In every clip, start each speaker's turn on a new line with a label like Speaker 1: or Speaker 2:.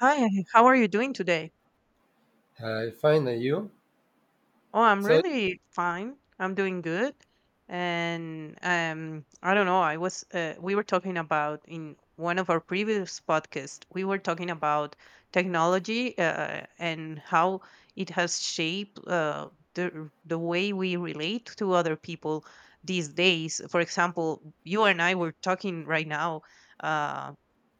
Speaker 1: Hi, hey, how are you doing today?
Speaker 2: I find that you.
Speaker 1: Oh, I'm
Speaker 2: So
Speaker 1: really fine. I'm doing good. And I don't know, I was we were talking about in one of our previous podcasts, we were talking about technology and how it has shaped the way we relate to other people these days. For example, you and I were talking right now. Um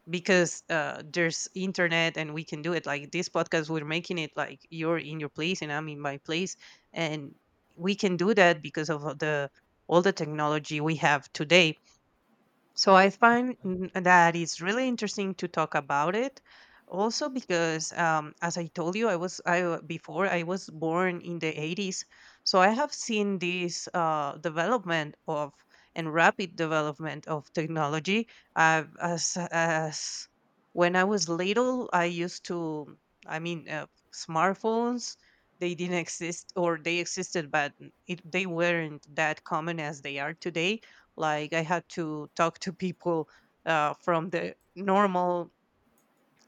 Speaker 1: because there's internet, and we can do it, like, this podcast we're making it like you're in your place and I'm in my place, and we can do that because of the all the technology we have today. So I find that it's really interesting to talk about it. Also, because as I told you, I was I w- before I was born in the 80s, so I have seen this development of and rapid development of technology. As when I was little, I mean, smartphones. They didn't exist, or they existed, but they weren't that common as they are today. Like, I had to talk to people from the normal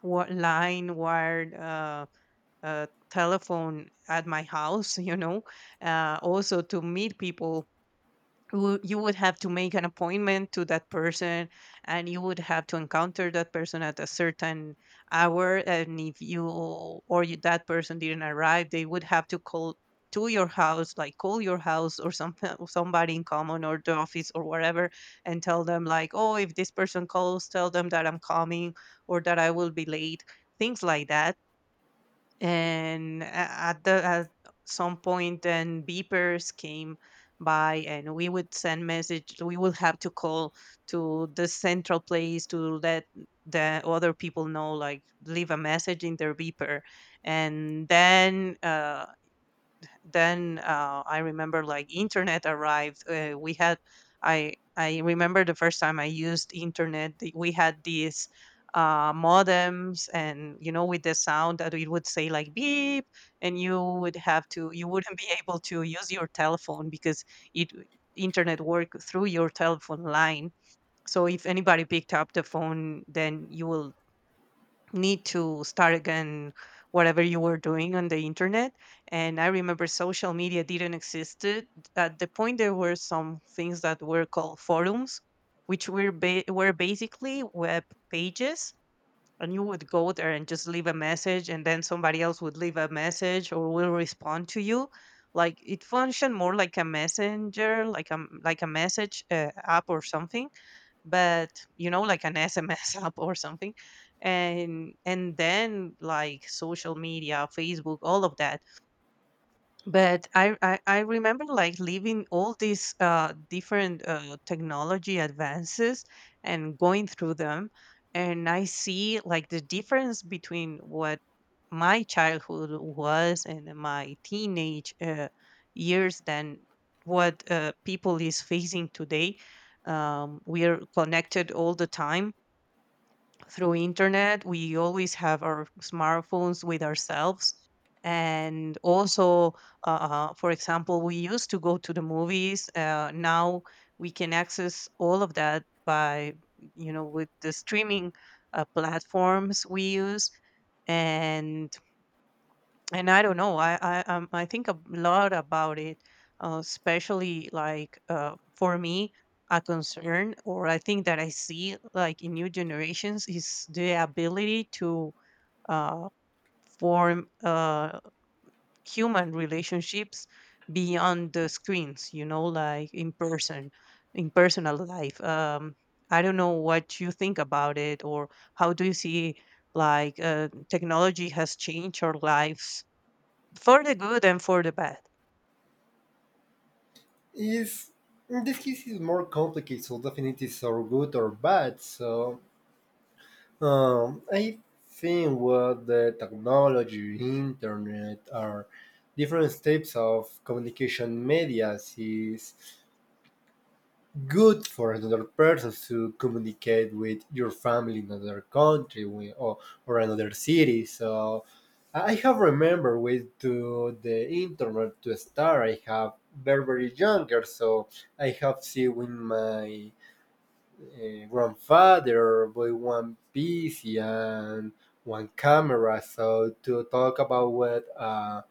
Speaker 1: line, wired telephone at my house, also to meet people, you would have to make an appointment to that person, and you would have to encounter that person at a certain hour, and if you, or you, that person didn't arrive, they would have to call to your house, like call your house or some, or somebody in common or the office or whatever, and tell them, like, oh, if this person calls, tell them that I'm coming, or that I will be late, things like that. And a- at the at some point, then beepers came by, and we would send message, we would have to call to the central place to let the other people know, like leave a message in their beeper. And then I remember, like, internet arrived. We had I remember the first time I used internet. We had these modems, and, with the sound that it would say like beep, and you wouldn't be able to use your telephone because it internet worked through your telephone line. So if anybody picked up the phone, then you will need to start again whatever you were doing on the internet. And I remember social media didn't exist. At the point, there were some things that were called forums, which were basically web pages, and you would go there and just leave a message, and then somebody else would leave a message or will respond to you. Like, it functioned more like a messenger, like a, message app or something, but, like an SMS app or something. And then, like, social media, Facebook, all of that. But I remember, like, leaving all these different technology advances and going through them. And I see, like, the difference between what my childhood was and my teenage years than what people is facing today. We are connected all the time through internet, we always have our smartphones with ourselves. And also, for example, we used to go to the movies. Now we can access all of that by, with the streaming platforms we use. And and I don't know. I think a lot about it, especially, like, for me, a concern, or I think that I see, like, in new generations, is the ability to uh, form human relationships beyond the screens. You know, like in person, in personal life. I don't know what you think about it, or how do you see, technology has changed our lives for the good and for the bad.
Speaker 2: is in this case is more complicated. So definitely, so good or bad. So I think what the technology, internet, or different types of communication medias is good for another person to communicate with your family in another country or another city. So I have remember with to the internet to start. I have very very younger, so I have seen with my grandfather with one PC and one camera. So to talk about what uh,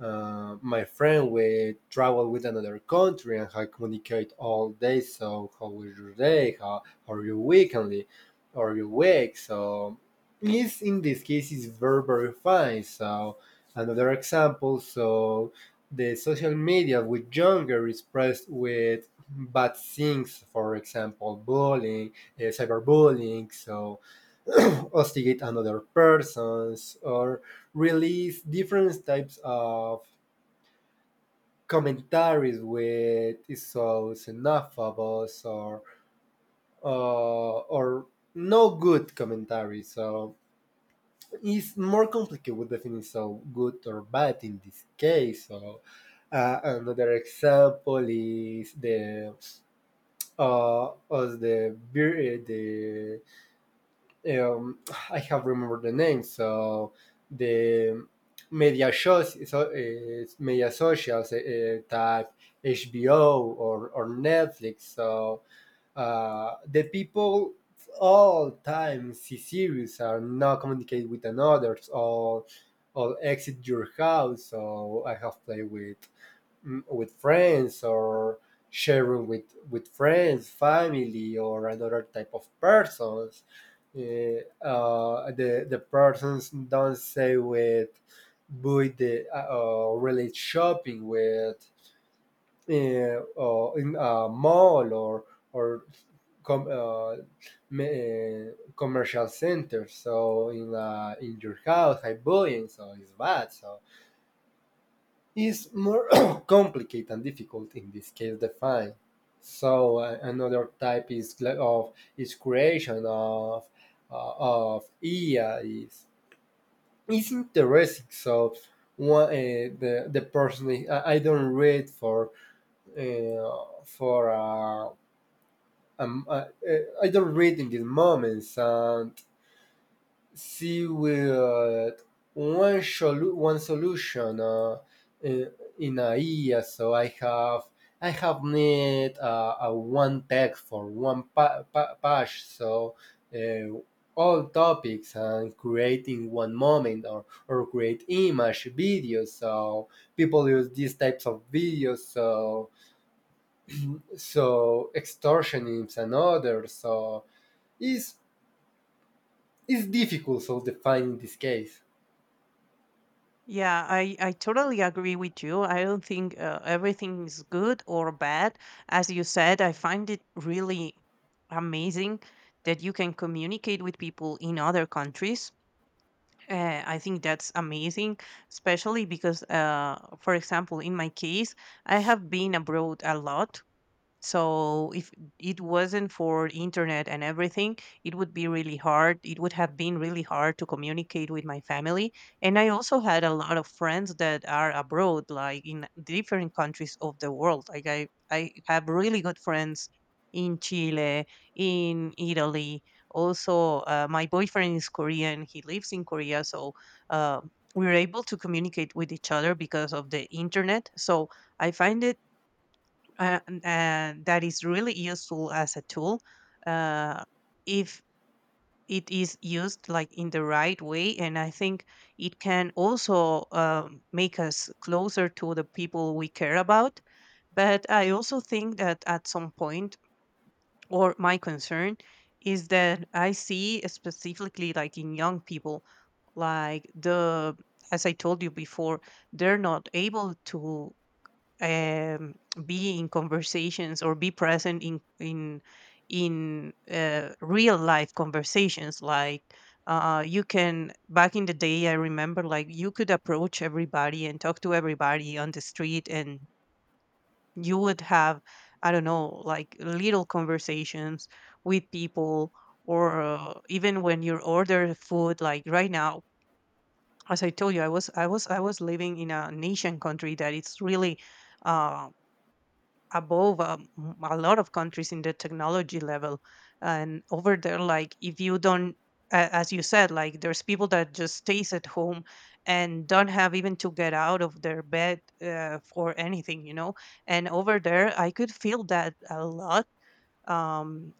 Speaker 2: uh, my friend we travel with another country and I communicate all day. So how was your day? How are you weekly? Are you week? So is in this case is very very fine. So another example. So the social media with younger is pressed with bad things, for example, bullying, cyberbullying. So hostigate another persons or release different types of commentaries with is so xenophobes or no good commentary. So it's more complicated with defining so good or bad in this case. So another example is the of the um, I have remembered the name. So the media shows, so, media socials type HBO or Netflix. So the people all time see series are not communicate with another or exit your house. So I have played with friends or sharing with friends, family, or another type of persons. The persons don't say with the relate shopping with in a mall or com- uh, commercial center. So in your house, I buying, so it's bad. So is more complicated and difficult in this case define. So another type is of is creation of IA is interesting. So one the person I don't read for I don't read in these moments, and she will one, one solution in, in a year. So I have need a one text for one page. So uh, all topics and creating one moment or create image videos. So people use these types of videos. So extortionists and others. So is is difficult. So defining this case.
Speaker 1: Yeah, I totally agree with you. I don't think everything is good or bad. As you said, I find it really amazing that you can communicate with people in other countries. I think that's amazing, especially because, for example, in my case, I have been abroad a lot, so if it wasn't for internet and everything, it would be really hard, it would have been really hard to communicate with my family. And I also had a lot of friends that are abroad, like in different countries of the world. Like, I have really good friends in Chile, in Italy. Also, my boyfriend is Korean, he lives in Korea. So, uh, we're able to communicate with each other because of the internet. So I find it, and that is really useful as a tool, uh, if it is used, like, in the right way. And I think it can also make us closer to the people we care about. But I also think that at some point, or my concern is that I see specifically, like, in young people, like, the as I told you before, they're not able to um, be in conversations or be present in, real life conversations. Like, you can back in the day I remember, like, you could approach everybody and talk to everybody on the street, and you would have, I don't know, like, little conversations with people. Or, even when you order food, like right now. As I told you, I was living in a nation country that it's really um above, a lot of countries in the technology level. And over there, like, if you don't a- as you said, like, there's people that just stays at home and don't have even to get out of their bed for anything. And over there I could feel that a lot. Um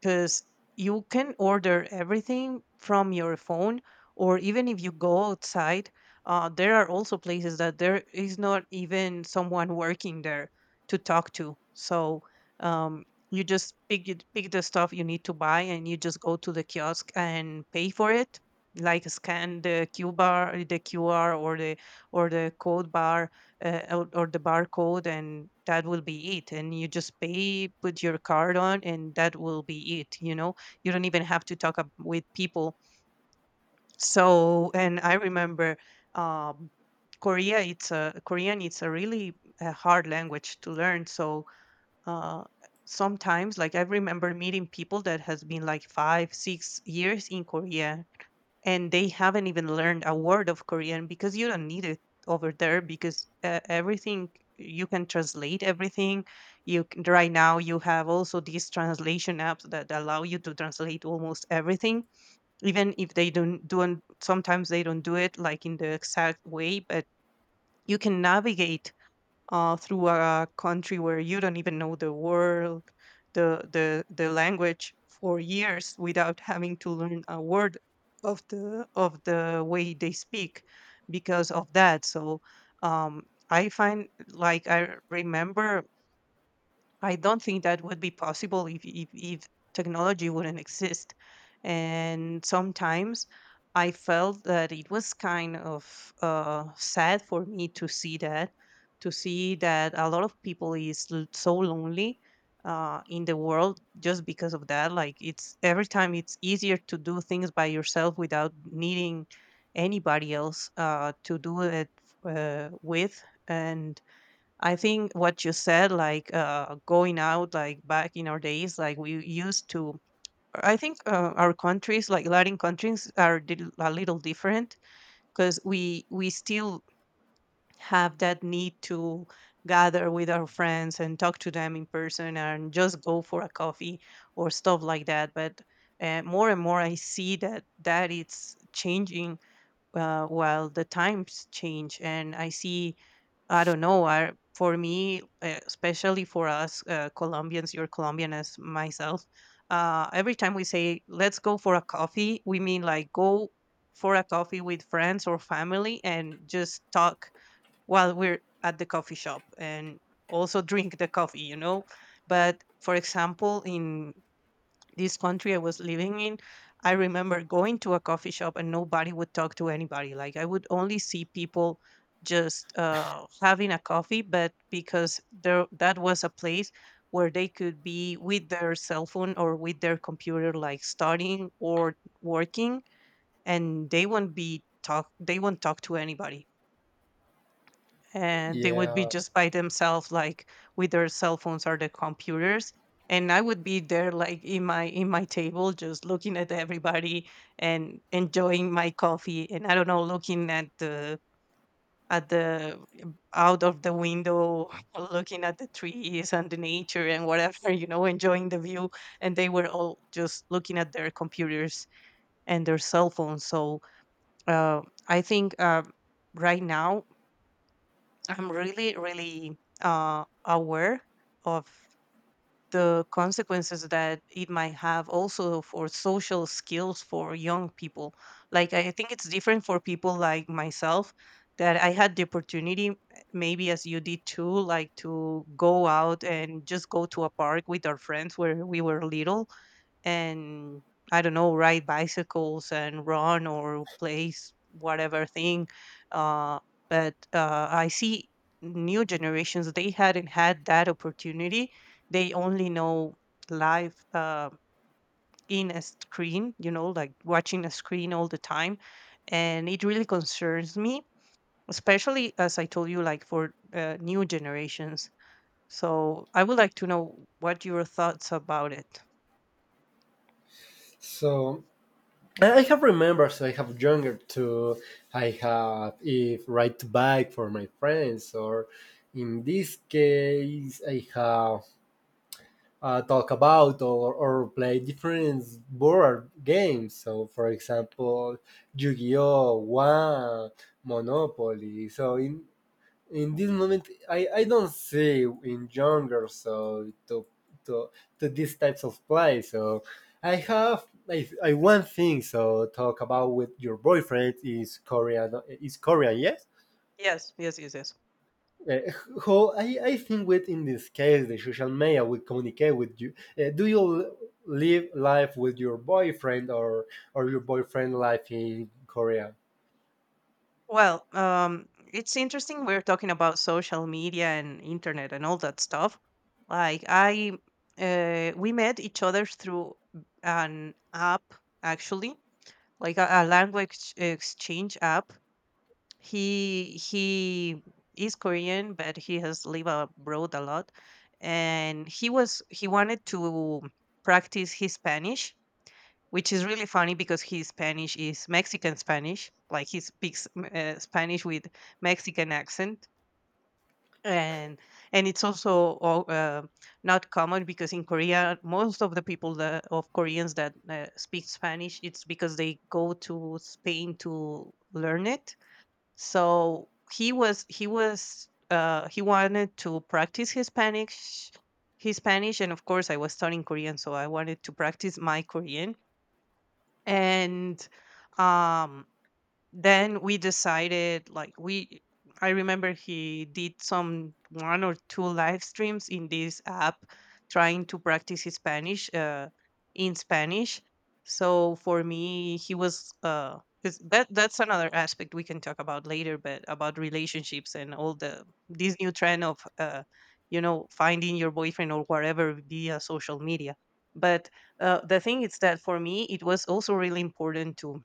Speaker 1: because you can order everything from your phone, or even if you go outside, there are also places that there is not even someone working there to talk to. So, um, you just pick the stuff you need to buy, and you just go to the kiosk and pay for it, like scan the Q bar, the qr, or the code bar, or the barcode, and that will be it. And you just pay, put your card on, and that will be it. You don't even have to talk up with people so, and I remember, um Korea, it's a Korean, it's a really a hard language to learn. So, uh sometimes, like, I remember meeting people that has been, like, 5-6 years in Korea, and they haven't even learned a word of Korean because you don't need it over there, because, everything, you can translate everything. Right now you have also these translation apps that allow you to translate almost everything, even if they don't, sometimes they don't do it, like, in the exact way. But you can navigate through a country where you don't even know the world, the language, for years without having to learn a word of the way they speak because of that. So, um, I find like I remember I don't think that would be possible if, technology wouldn't exist. And sometimes I felt that it was kind of sad for me to see that a lot of people is so lonely in the world, just because of that. Like, it's every time it's easier to do things by yourself without needing anybody else to do it with. And I think what you said, like, going out, like back in our days, like we used to. I think our countries, like Latin countries, are a little different, because we still have that need to gather with our friends and talk to them in person and just go for a coffee or stuff like that. But more and more, I see that, it's changing, while the times change. And I don't know. For me, especially for us, Colombians, you're Colombian as myself. Every time we say "let's go for a coffee," we mean, like, go for a coffee with friends or family and just talk while we're at the coffee shop and also drink the coffee. But for example, in this country I was living in, I remember going to a coffee shop and nobody would talk to anybody. Like, I would only see people just having a coffee, but because there, that was a place where they could be with their cell phone or with their computer, like studying or working, and they won't be talk. They won't talk to anybody, and they would be
Speaker 2: Yeah.
Speaker 1: just by themselves, like with their cell phones or their computers. And I would be there, like in my table, just looking at everybody and enjoying my coffee, and I don't know, looking at the out of the window looking at the trees and the nature and whatever, you know, enjoying the view. And they were all just looking at their computers and their cell phones. So uh, I think right now I'm really, really aware of the consequences that it might have also for social skills for young people. Like, I think it's different for people like myself, that I had the opportunity, maybe as you did too, like to go out and just go to a park with our friends where we were little. And I don't know, ride bicycles and run or whatever thing. Uh, but I see new generations, they hadn't had that opportunity. They only know life in a screen, you know, like watching a screen all the time. And it really concerns me, especially, as I told you, like for new generations. So I would like to know what your thoughts about it.
Speaker 2: So I have remembers. I have younger too. I have if ride bike for my friends, or in this case, I have talk about or play different board games. So, for example, Yu-Gi-Oh, One, Monopoly. So, in this moment I don't see in younger so to to these types of play. So I one thing, so talk about with your boyfriend is Korean yes.
Speaker 1: Yes, yes, yes, yes.
Speaker 2: Uh, how I think with in this case the social media will communicate with you, do you live life with your boyfriend or your boyfriend life in Korea?
Speaker 1: Well, it's interesting we're talking about social media and internet and all that stuff. Like, we met each other through an app, actually, like a language exchange app. He is Korean, but he has lived abroad a lot, and he wanted to practice his Spanish, which is really funny because his Spanish is Mexican Spanish. Like he speaks Spanish with Mexican accent, and and it's also not common, because in Korea most of the people that, of Koreans that speak Spanish, it's because they go to Spain to learn it. So he was he was he wanted to practice his Spanish. His Spanish, and of course, I was studying Korean, so I wanted to practice my Korean. And, um, then we decided, like we I remember he did some one or two live streams in this app trying to practice his Spanish, in Spanish. So for me he was 'cause that that's another aspect we can talk about later, but about relationships and all the this new trend of you know, finding your boyfriend or whatever via social media. But the thing is that for me it was also really important to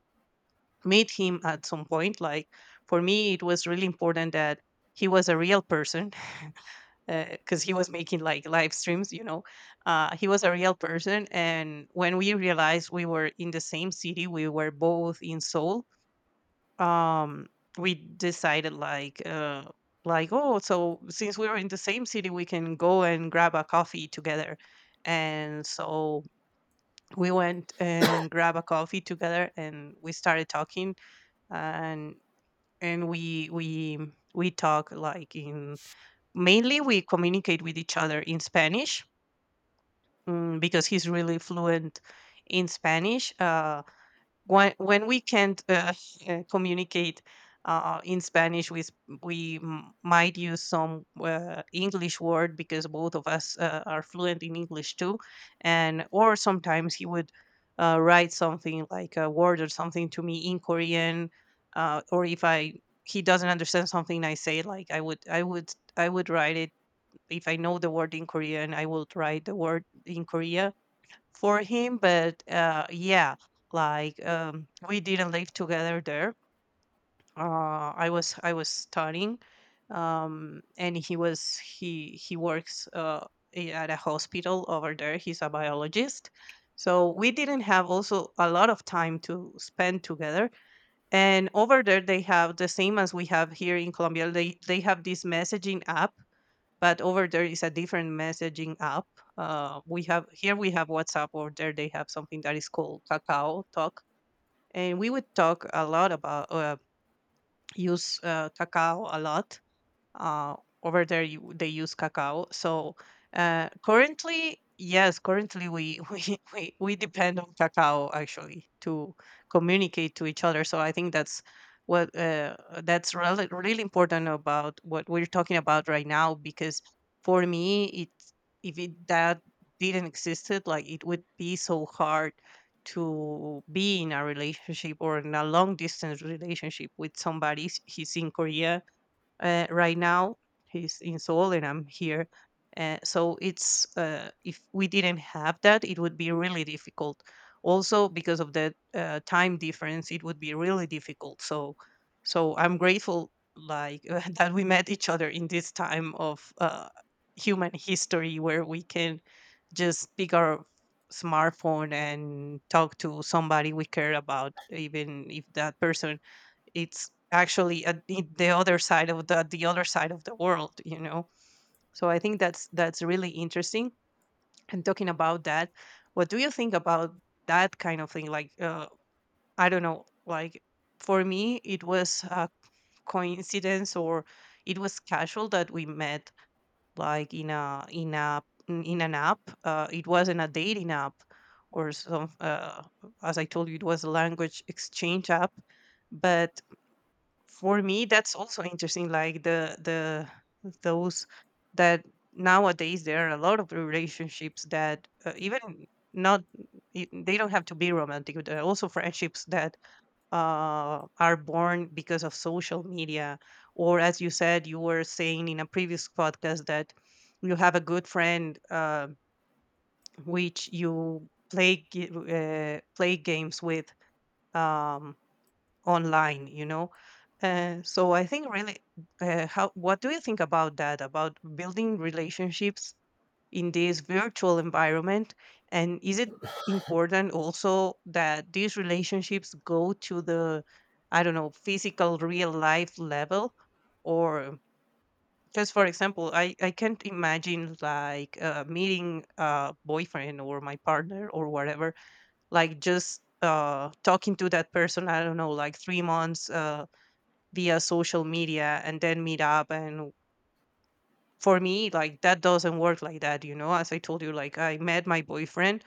Speaker 1: meet him at some point. Like, for me, it was really important that he was a real person because he was making like live streams, you know. He was a real person. And when we realized we were in the same city, we were both in Seoul, um, we decided, like, oh, so since we were in the same city, we can go and grab a coffee together. And so we went and grab a coffee together and we started talking. And we talk like in mainly we communicate with each other in Spanish, because he's really fluent in Spanish. When we can't communicate in Spanish, we might use some English word, because both of us are fluent in English too. And or sometimes he would write something like a word or something to me in Korean, or if I he doesn't understand something I say, like I would write it. If I know the word in Korean, I would write the word in Korea for him. But yeah, like we didn't live together there. I was studying, and he was he works at a hospital over there. He's a biologist, so we didn't have also a lot of time to spend together. And over there they have the same as we have here in Colombia. They have this messaging app, but over there is a different messaging app. We have here we have WhatsApp. Over there they have something that is called Kakao Talk, and we would talk a lot about use Kakao a lot. Uh, over there you, they use cacao. So currently, yes, currently we, we depend on cacao actually to communicate to each other. So I think that's what that's really, really important about what we're talking about right now, because for me it if it that didn't existed, like it would be so hard to be in a relationship or in a long distance relationship with somebody. He's in Korea, right now, he's in Seoul and I'm here. So it's if we didn't have that, it would be really difficult. Also, because of the time difference, it would be really difficult. So, so I'm grateful, like that we met each other in this time of human history where we can just pick our smartphone and talk to somebody we care about, even if that person it's actually at the other side of the other side of the world, you know. So I think that's really interesting. And talking about that, what do you think about that kind of thing, like I don't know, like for me it was a coincidence or it was casual that we met, like in a in a in an app. It wasn't a dating app or some as I told you, it was a language exchange app. But for me that's also interesting, like the those that nowadays there are a lot of relationships that even not they don't have to be romantic. There are also friendships that are born because of social media, or as you said, you were saying in a previous podcast that you have a good friend which you play games with, um, online, you know. So I think really how what do you think about that, about building relationships in this virtual environment? And is it important also that these relationships go to the, I don't know, physical real life level? Or just for example, I can't imagine, like meeting a boyfriend or my partner or whatever, like just talking to that person, I don't know, like 3 months via social media and then meet up. And for me, like that doesn't work like that, you know. As I told you, like I met my boyfriend,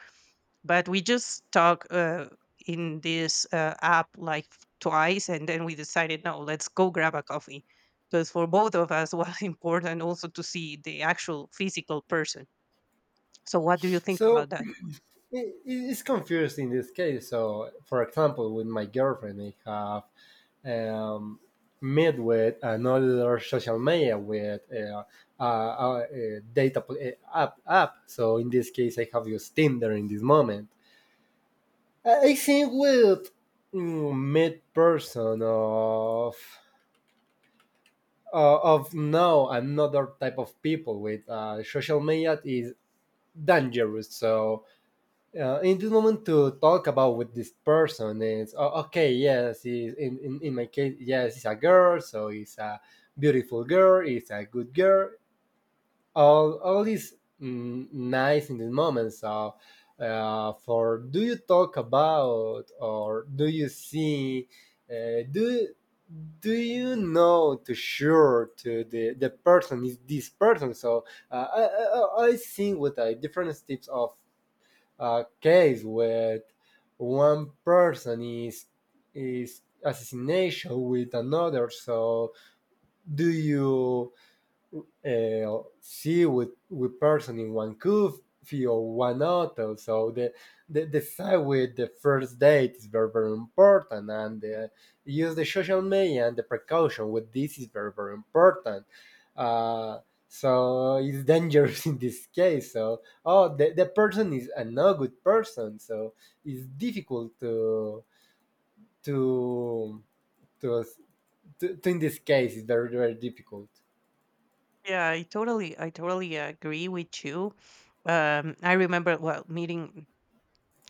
Speaker 1: but we just talk in this app like twice, and then we decided, no, let's go grab a coffee, because for both of us was important also to see the actual physical person. So what do you think
Speaker 2: So
Speaker 1: about that?
Speaker 2: it's confused in this case. So, for example, with my girlfriend, I have met with another social media with uh, uh, uh, data app. So, in this case, I have used Tinder in this moment. I think with mid person of now another type of people with social media is dangerous. So in this moment to talk about with this person is, oh, okay, yes, is in my case, yes, it's a girl, so it's a beautiful girl, it's a good girl, all is nice in this moment. So for do you talk about, or do you see, uh, do do you know to sure to the person is this person? So I think with different types of a case where one person is assassination with another. So do you, see with person in one coffee or one hotel? So the side with the first date is very very important, and use the social media, and the precaution with this is very very important. Uh, so it's dangerous in this case. So the person is a no good person. So it's difficult to to to in this case it's very very difficult.
Speaker 1: Yeah, I totally I totally agree with you. I remember well meeting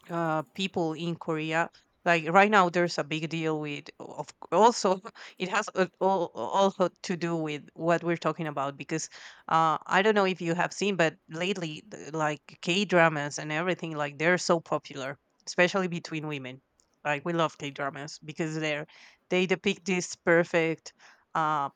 Speaker 1: people in Korea. Like right now, there's a big deal with of also it has all also to do with what we're talking about, because I don't know if you have seen, but lately like K dramas and everything, like they're so popular, especially between women. Like we love K dramas because they're they depict this perfect. uh,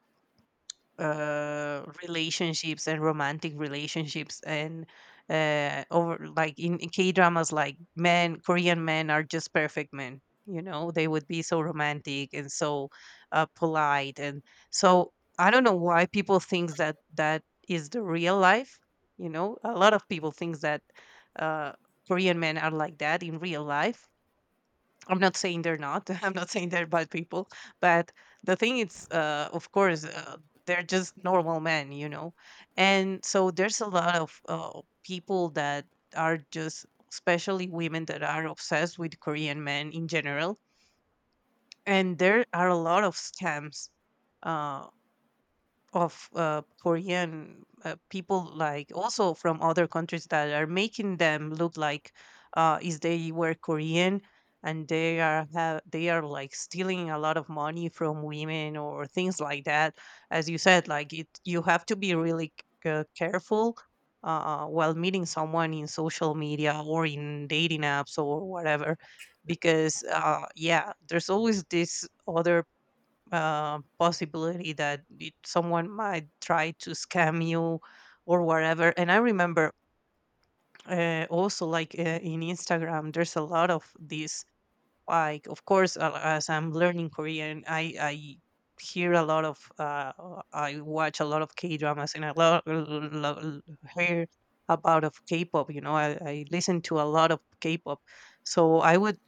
Speaker 1: relationships and romantic relationships and over like in K-dramas, like men, Korean men are just perfect men, you know. They would be so romantic and so polite and so I don't know why people think that that is the real life. You know, a lot of people think that uh Korean men are like that in real life. I'm not saying they're not. I'm not saying they're bad people, but the thing is, of course, they're just normal men, you know. And so there's a lot of people that are just, especially women, that are obsessed with Korean men in general. And there are a lot of scams. Uh, of Korean people, like also from other countries, that are making them look like is they were Korean, and they are like stealing a lot of money from women or things like that. As you said, like it, you have to be really careful while meeting someone in social media or in dating apps or whatever, because yeah, there's always this other possibility that someone might try to scam you or whatever. And I remember also, like in Instagram, there's a lot of these. Like, of course, as I'm learning Korean, I hear a lot of I watch a lot of K dramas and a lot hear about of K-pop. You know, I listen to a lot of K-pop. So I would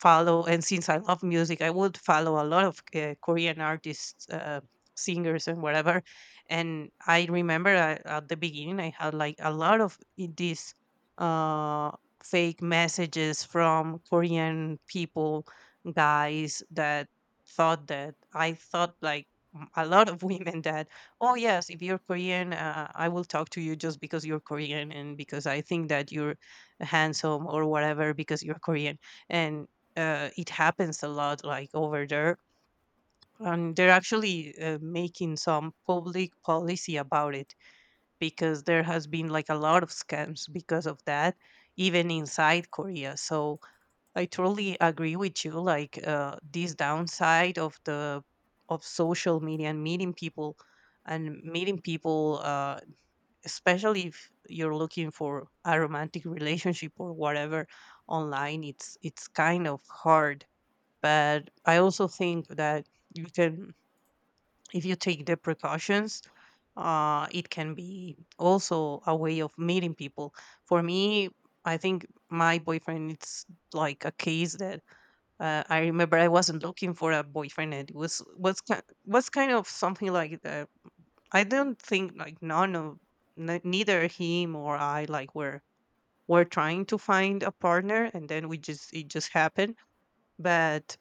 Speaker 1: follow, and since I love music, I would follow a lot of Korean artists, singers, and whatever. And I remember, at the beginning I had like a lot of these uh, fake messages from Korean people, guys that thought that I thought like a lot of women that, oh yes, if you're Korean, I will talk to you just because you're Korean and because I think that you're handsome or whatever because you're Korean. And it happens a lot like over there, and they're actually making some public policy about it because there has been like a lot of scams because of that, even inside Korea. So I totally agree with you, like, this downside of the, of social media and meeting people, and meeting people, especially if you're looking for a romantic relationship or whatever online. It's kind of hard. But I also think that you can, if you take the precautions, uh, it can be also a way of meeting people. For me, I think my boyfriend, it's like a case that, I remember I wasn't looking for a boyfriend, and it was was kind of something like that. I don't think like none of, neither him or I like were trying to find a partner, and then we just, it just happened. But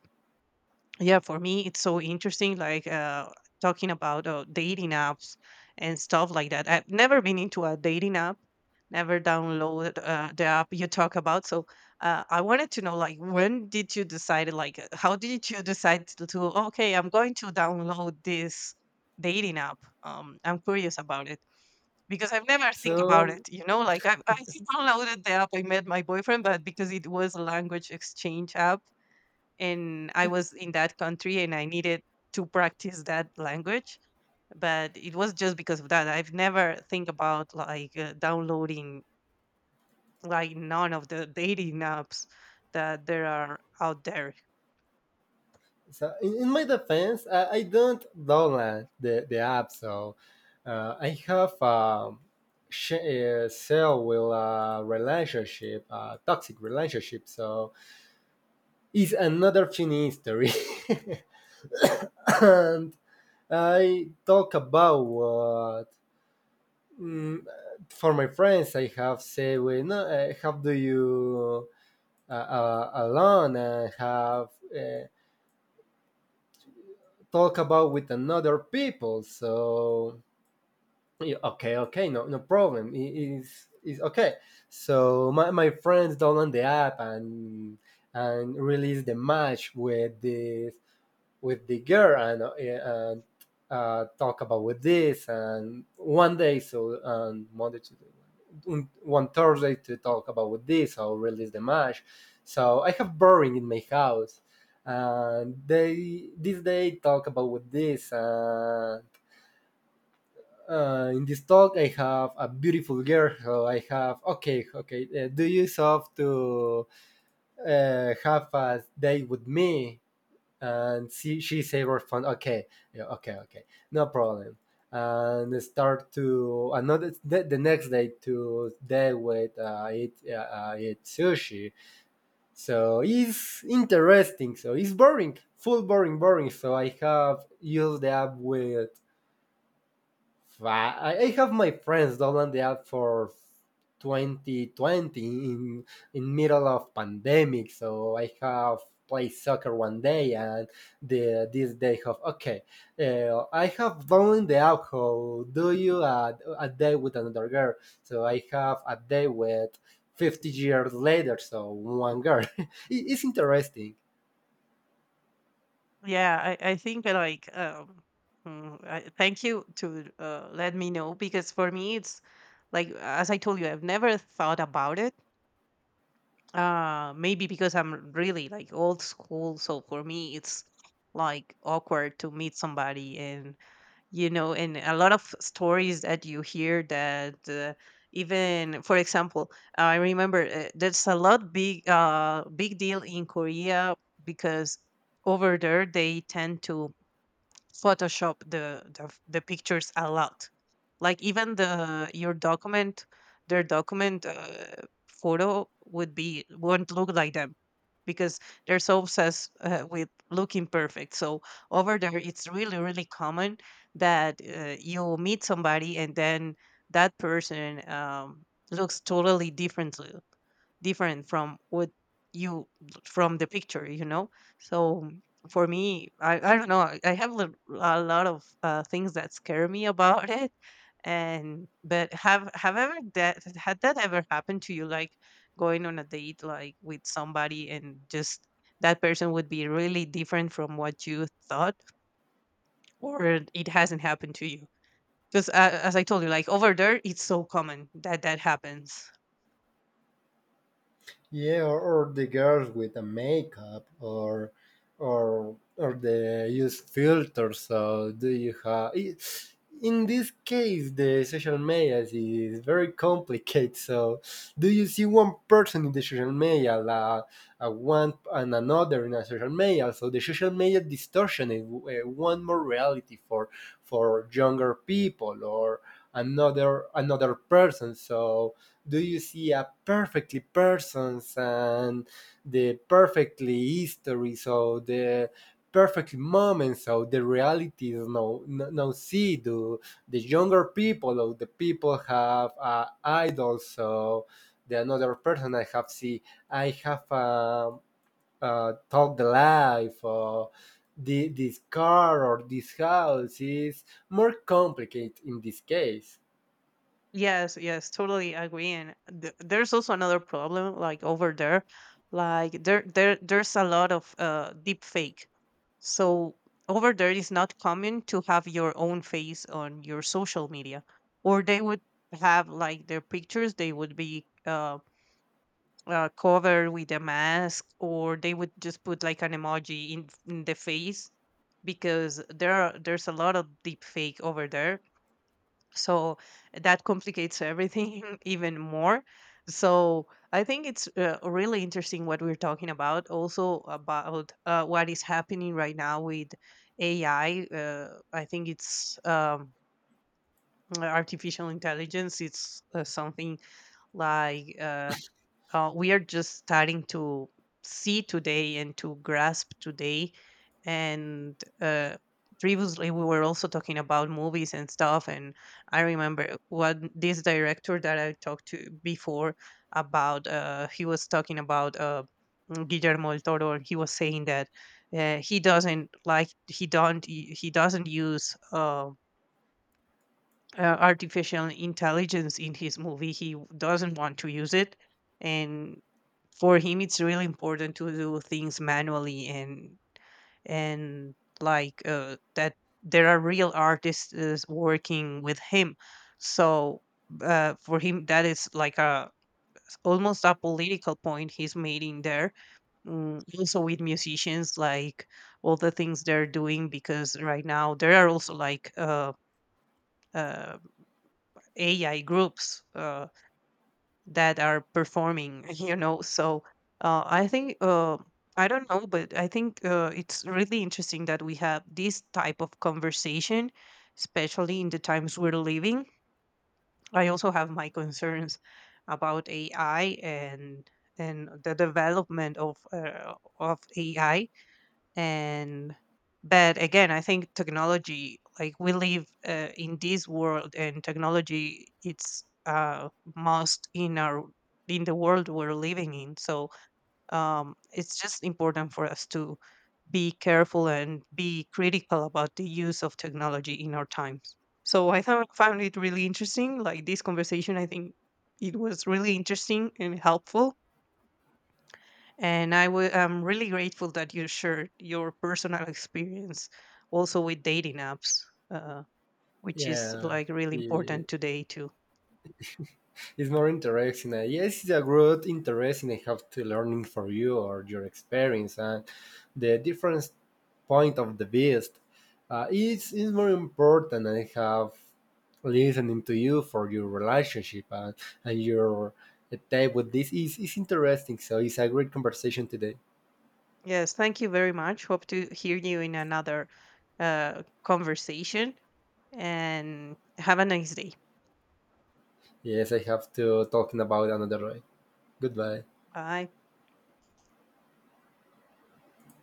Speaker 1: yeah, for me, it's so interesting, like, talking about dating apps and stuff like that. I've never been into a dating app, never downloaded the app you talk about. So I wanted to know, like, when did you decide, like, how did you decide to, okay, I'm going to download this dating app? I'm curious about it because I've never think about it,
Speaker 2: So
Speaker 1: you know, like I downloaded the app, I met my boyfriend, but because it was a language exchange app, and I was in that country and I needed to practice that language. But it was just because of that. I've never think about like downloading like none of the dating apps that there are out there.
Speaker 2: So in my defense, I don't download the app. So I have cell with a relationship, a toxic relationship. So it's another thing history, and I talk about what. Mm, for my friends, I have say, well, no, how do you alone and have talk about with another people? So yeah, okay, okay, no, no problem. It is okay. So my friends download the app and release the match with the girl and talk about with this and one day, so, and Monday, to one Thursday, to talk about with this or release the match. So I have boring in my house, and they this day talk about with this, and in this talk I have a beautiful girl. So I have okay, do you have to, have a day with me? And she said her phone okay, yeah, okay, okay, no problem. And start to another, the next day, to day with eat sushi. So it's interesting. So it's boring, full boring boring. So I have used the app with five. I have my friends down the app for 2020 in middle of pandemic. So I have played soccer one day, and the this day of okay. I have done the alcohol. Do you a day with another girl? So I have a day with 50 years later. So one girl. It's interesting.
Speaker 1: Yeah, I think like mm, I, thank you to let me know because for me it's like, as I told you, I've never thought about it. Maybe because I'm really like old school, so for me it's like awkward to meet somebody. And you know, and a lot of stories that you hear that, even for example, I remember there's a lot, big big deal in Korea because over there they tend to Photoshop the pictures a lot. Like even the your document, their document photo would be, won't look like them because they're so obsessed with looking perfect. So over there, it's really, really common that you meet somebody and then that person, looks totally differently, different from what you, from the picture, you know. So for me, I don't know. I have a lot of things that scare me about it. And but have ever that had that ever happened to you? Like going on a date like with somebody, and just that person would be really different from what you thought, or it hasn't happened to you? Because, as I told you, like, over there it's so common that that happens.
Speaker 2: Yeah, or the girls with the makeup, or they use filters. So do you have? In this case, the social media is very complicated. So, do you see one person in the social media, a one and another in a social media? So the social media distortion is one more reality for younger people or another person. So do you see a perfectly persons, and the perfectly history, so the perfect moment, so the reality is no, no, no, see do the younger people or the people have idols. So the another person, I have talk the life or this car or this house, is more complicated in this case.
Speaker 1: Yes, yes, totally agree. And there's also another problem, like over there, like there's a lot of deep fake. So over there, it's not common to have your own face on your social media, or they would have like their pictures. They would be covered with a mask, or they would just put like an emoji in the face because there's a lot of deep fake over there. So that complicates everything even more. So I think it's really interesting what we're talking about, also about, what is happening right now with AI. I think it's artificial intelligence, it's something like we are just starting to see today and to grasp today. And previously, we were also talking about movies and stuff. And I remember what this director that I talked to before about, he was talking about Guillermo del Toro, and he was saying that, uh, he doesn't like, he doesn't use um, artificial intelligence in his movie. He doesn't want to use it. And for him, it's really important to do things manually, and like that there are real artists is working with him. So for him, that is like a, almost a political point he's making there. Mm, also with musicians, like all the things they're doing, because right now there are also like, uh, uh, AI groups that are performing, you know. So I think I don't know, but I think it's really interesting that we have this type of conversation, especially in the times we're living. I also have my concerns about AI, and the development of AI. And but again, I think technology, like, we live in this world, and technology, it's uh, most in our, in the world we're living in. So um, it's just important for us to be careful and be critical about the use of technology in our times. So I found it really interesting, like, this conversation, I think it was really interesting and helpful, and I am really grateful that you shared your personal experience also with dating apps, uh, which is
Speaker 2: Yeah.
Speaker 1: like really
Speaker 2: Yeah.
Speaker 1: important today too.
Speaker 2: It's more interesting. Yes, it's a great interesting. I have to learning for you or your experience and the different point of the best. It's more important. I have listening to you for your relationship, and your type with this is interesting. So it's a great conversation today.
Speaker 1: Yes, thank you very much. Hope to hear you in another conversation, and have a nice day.
Speaker 2: Yes, I have to talking about another way. Goodbye.
Speaker 1: Bye.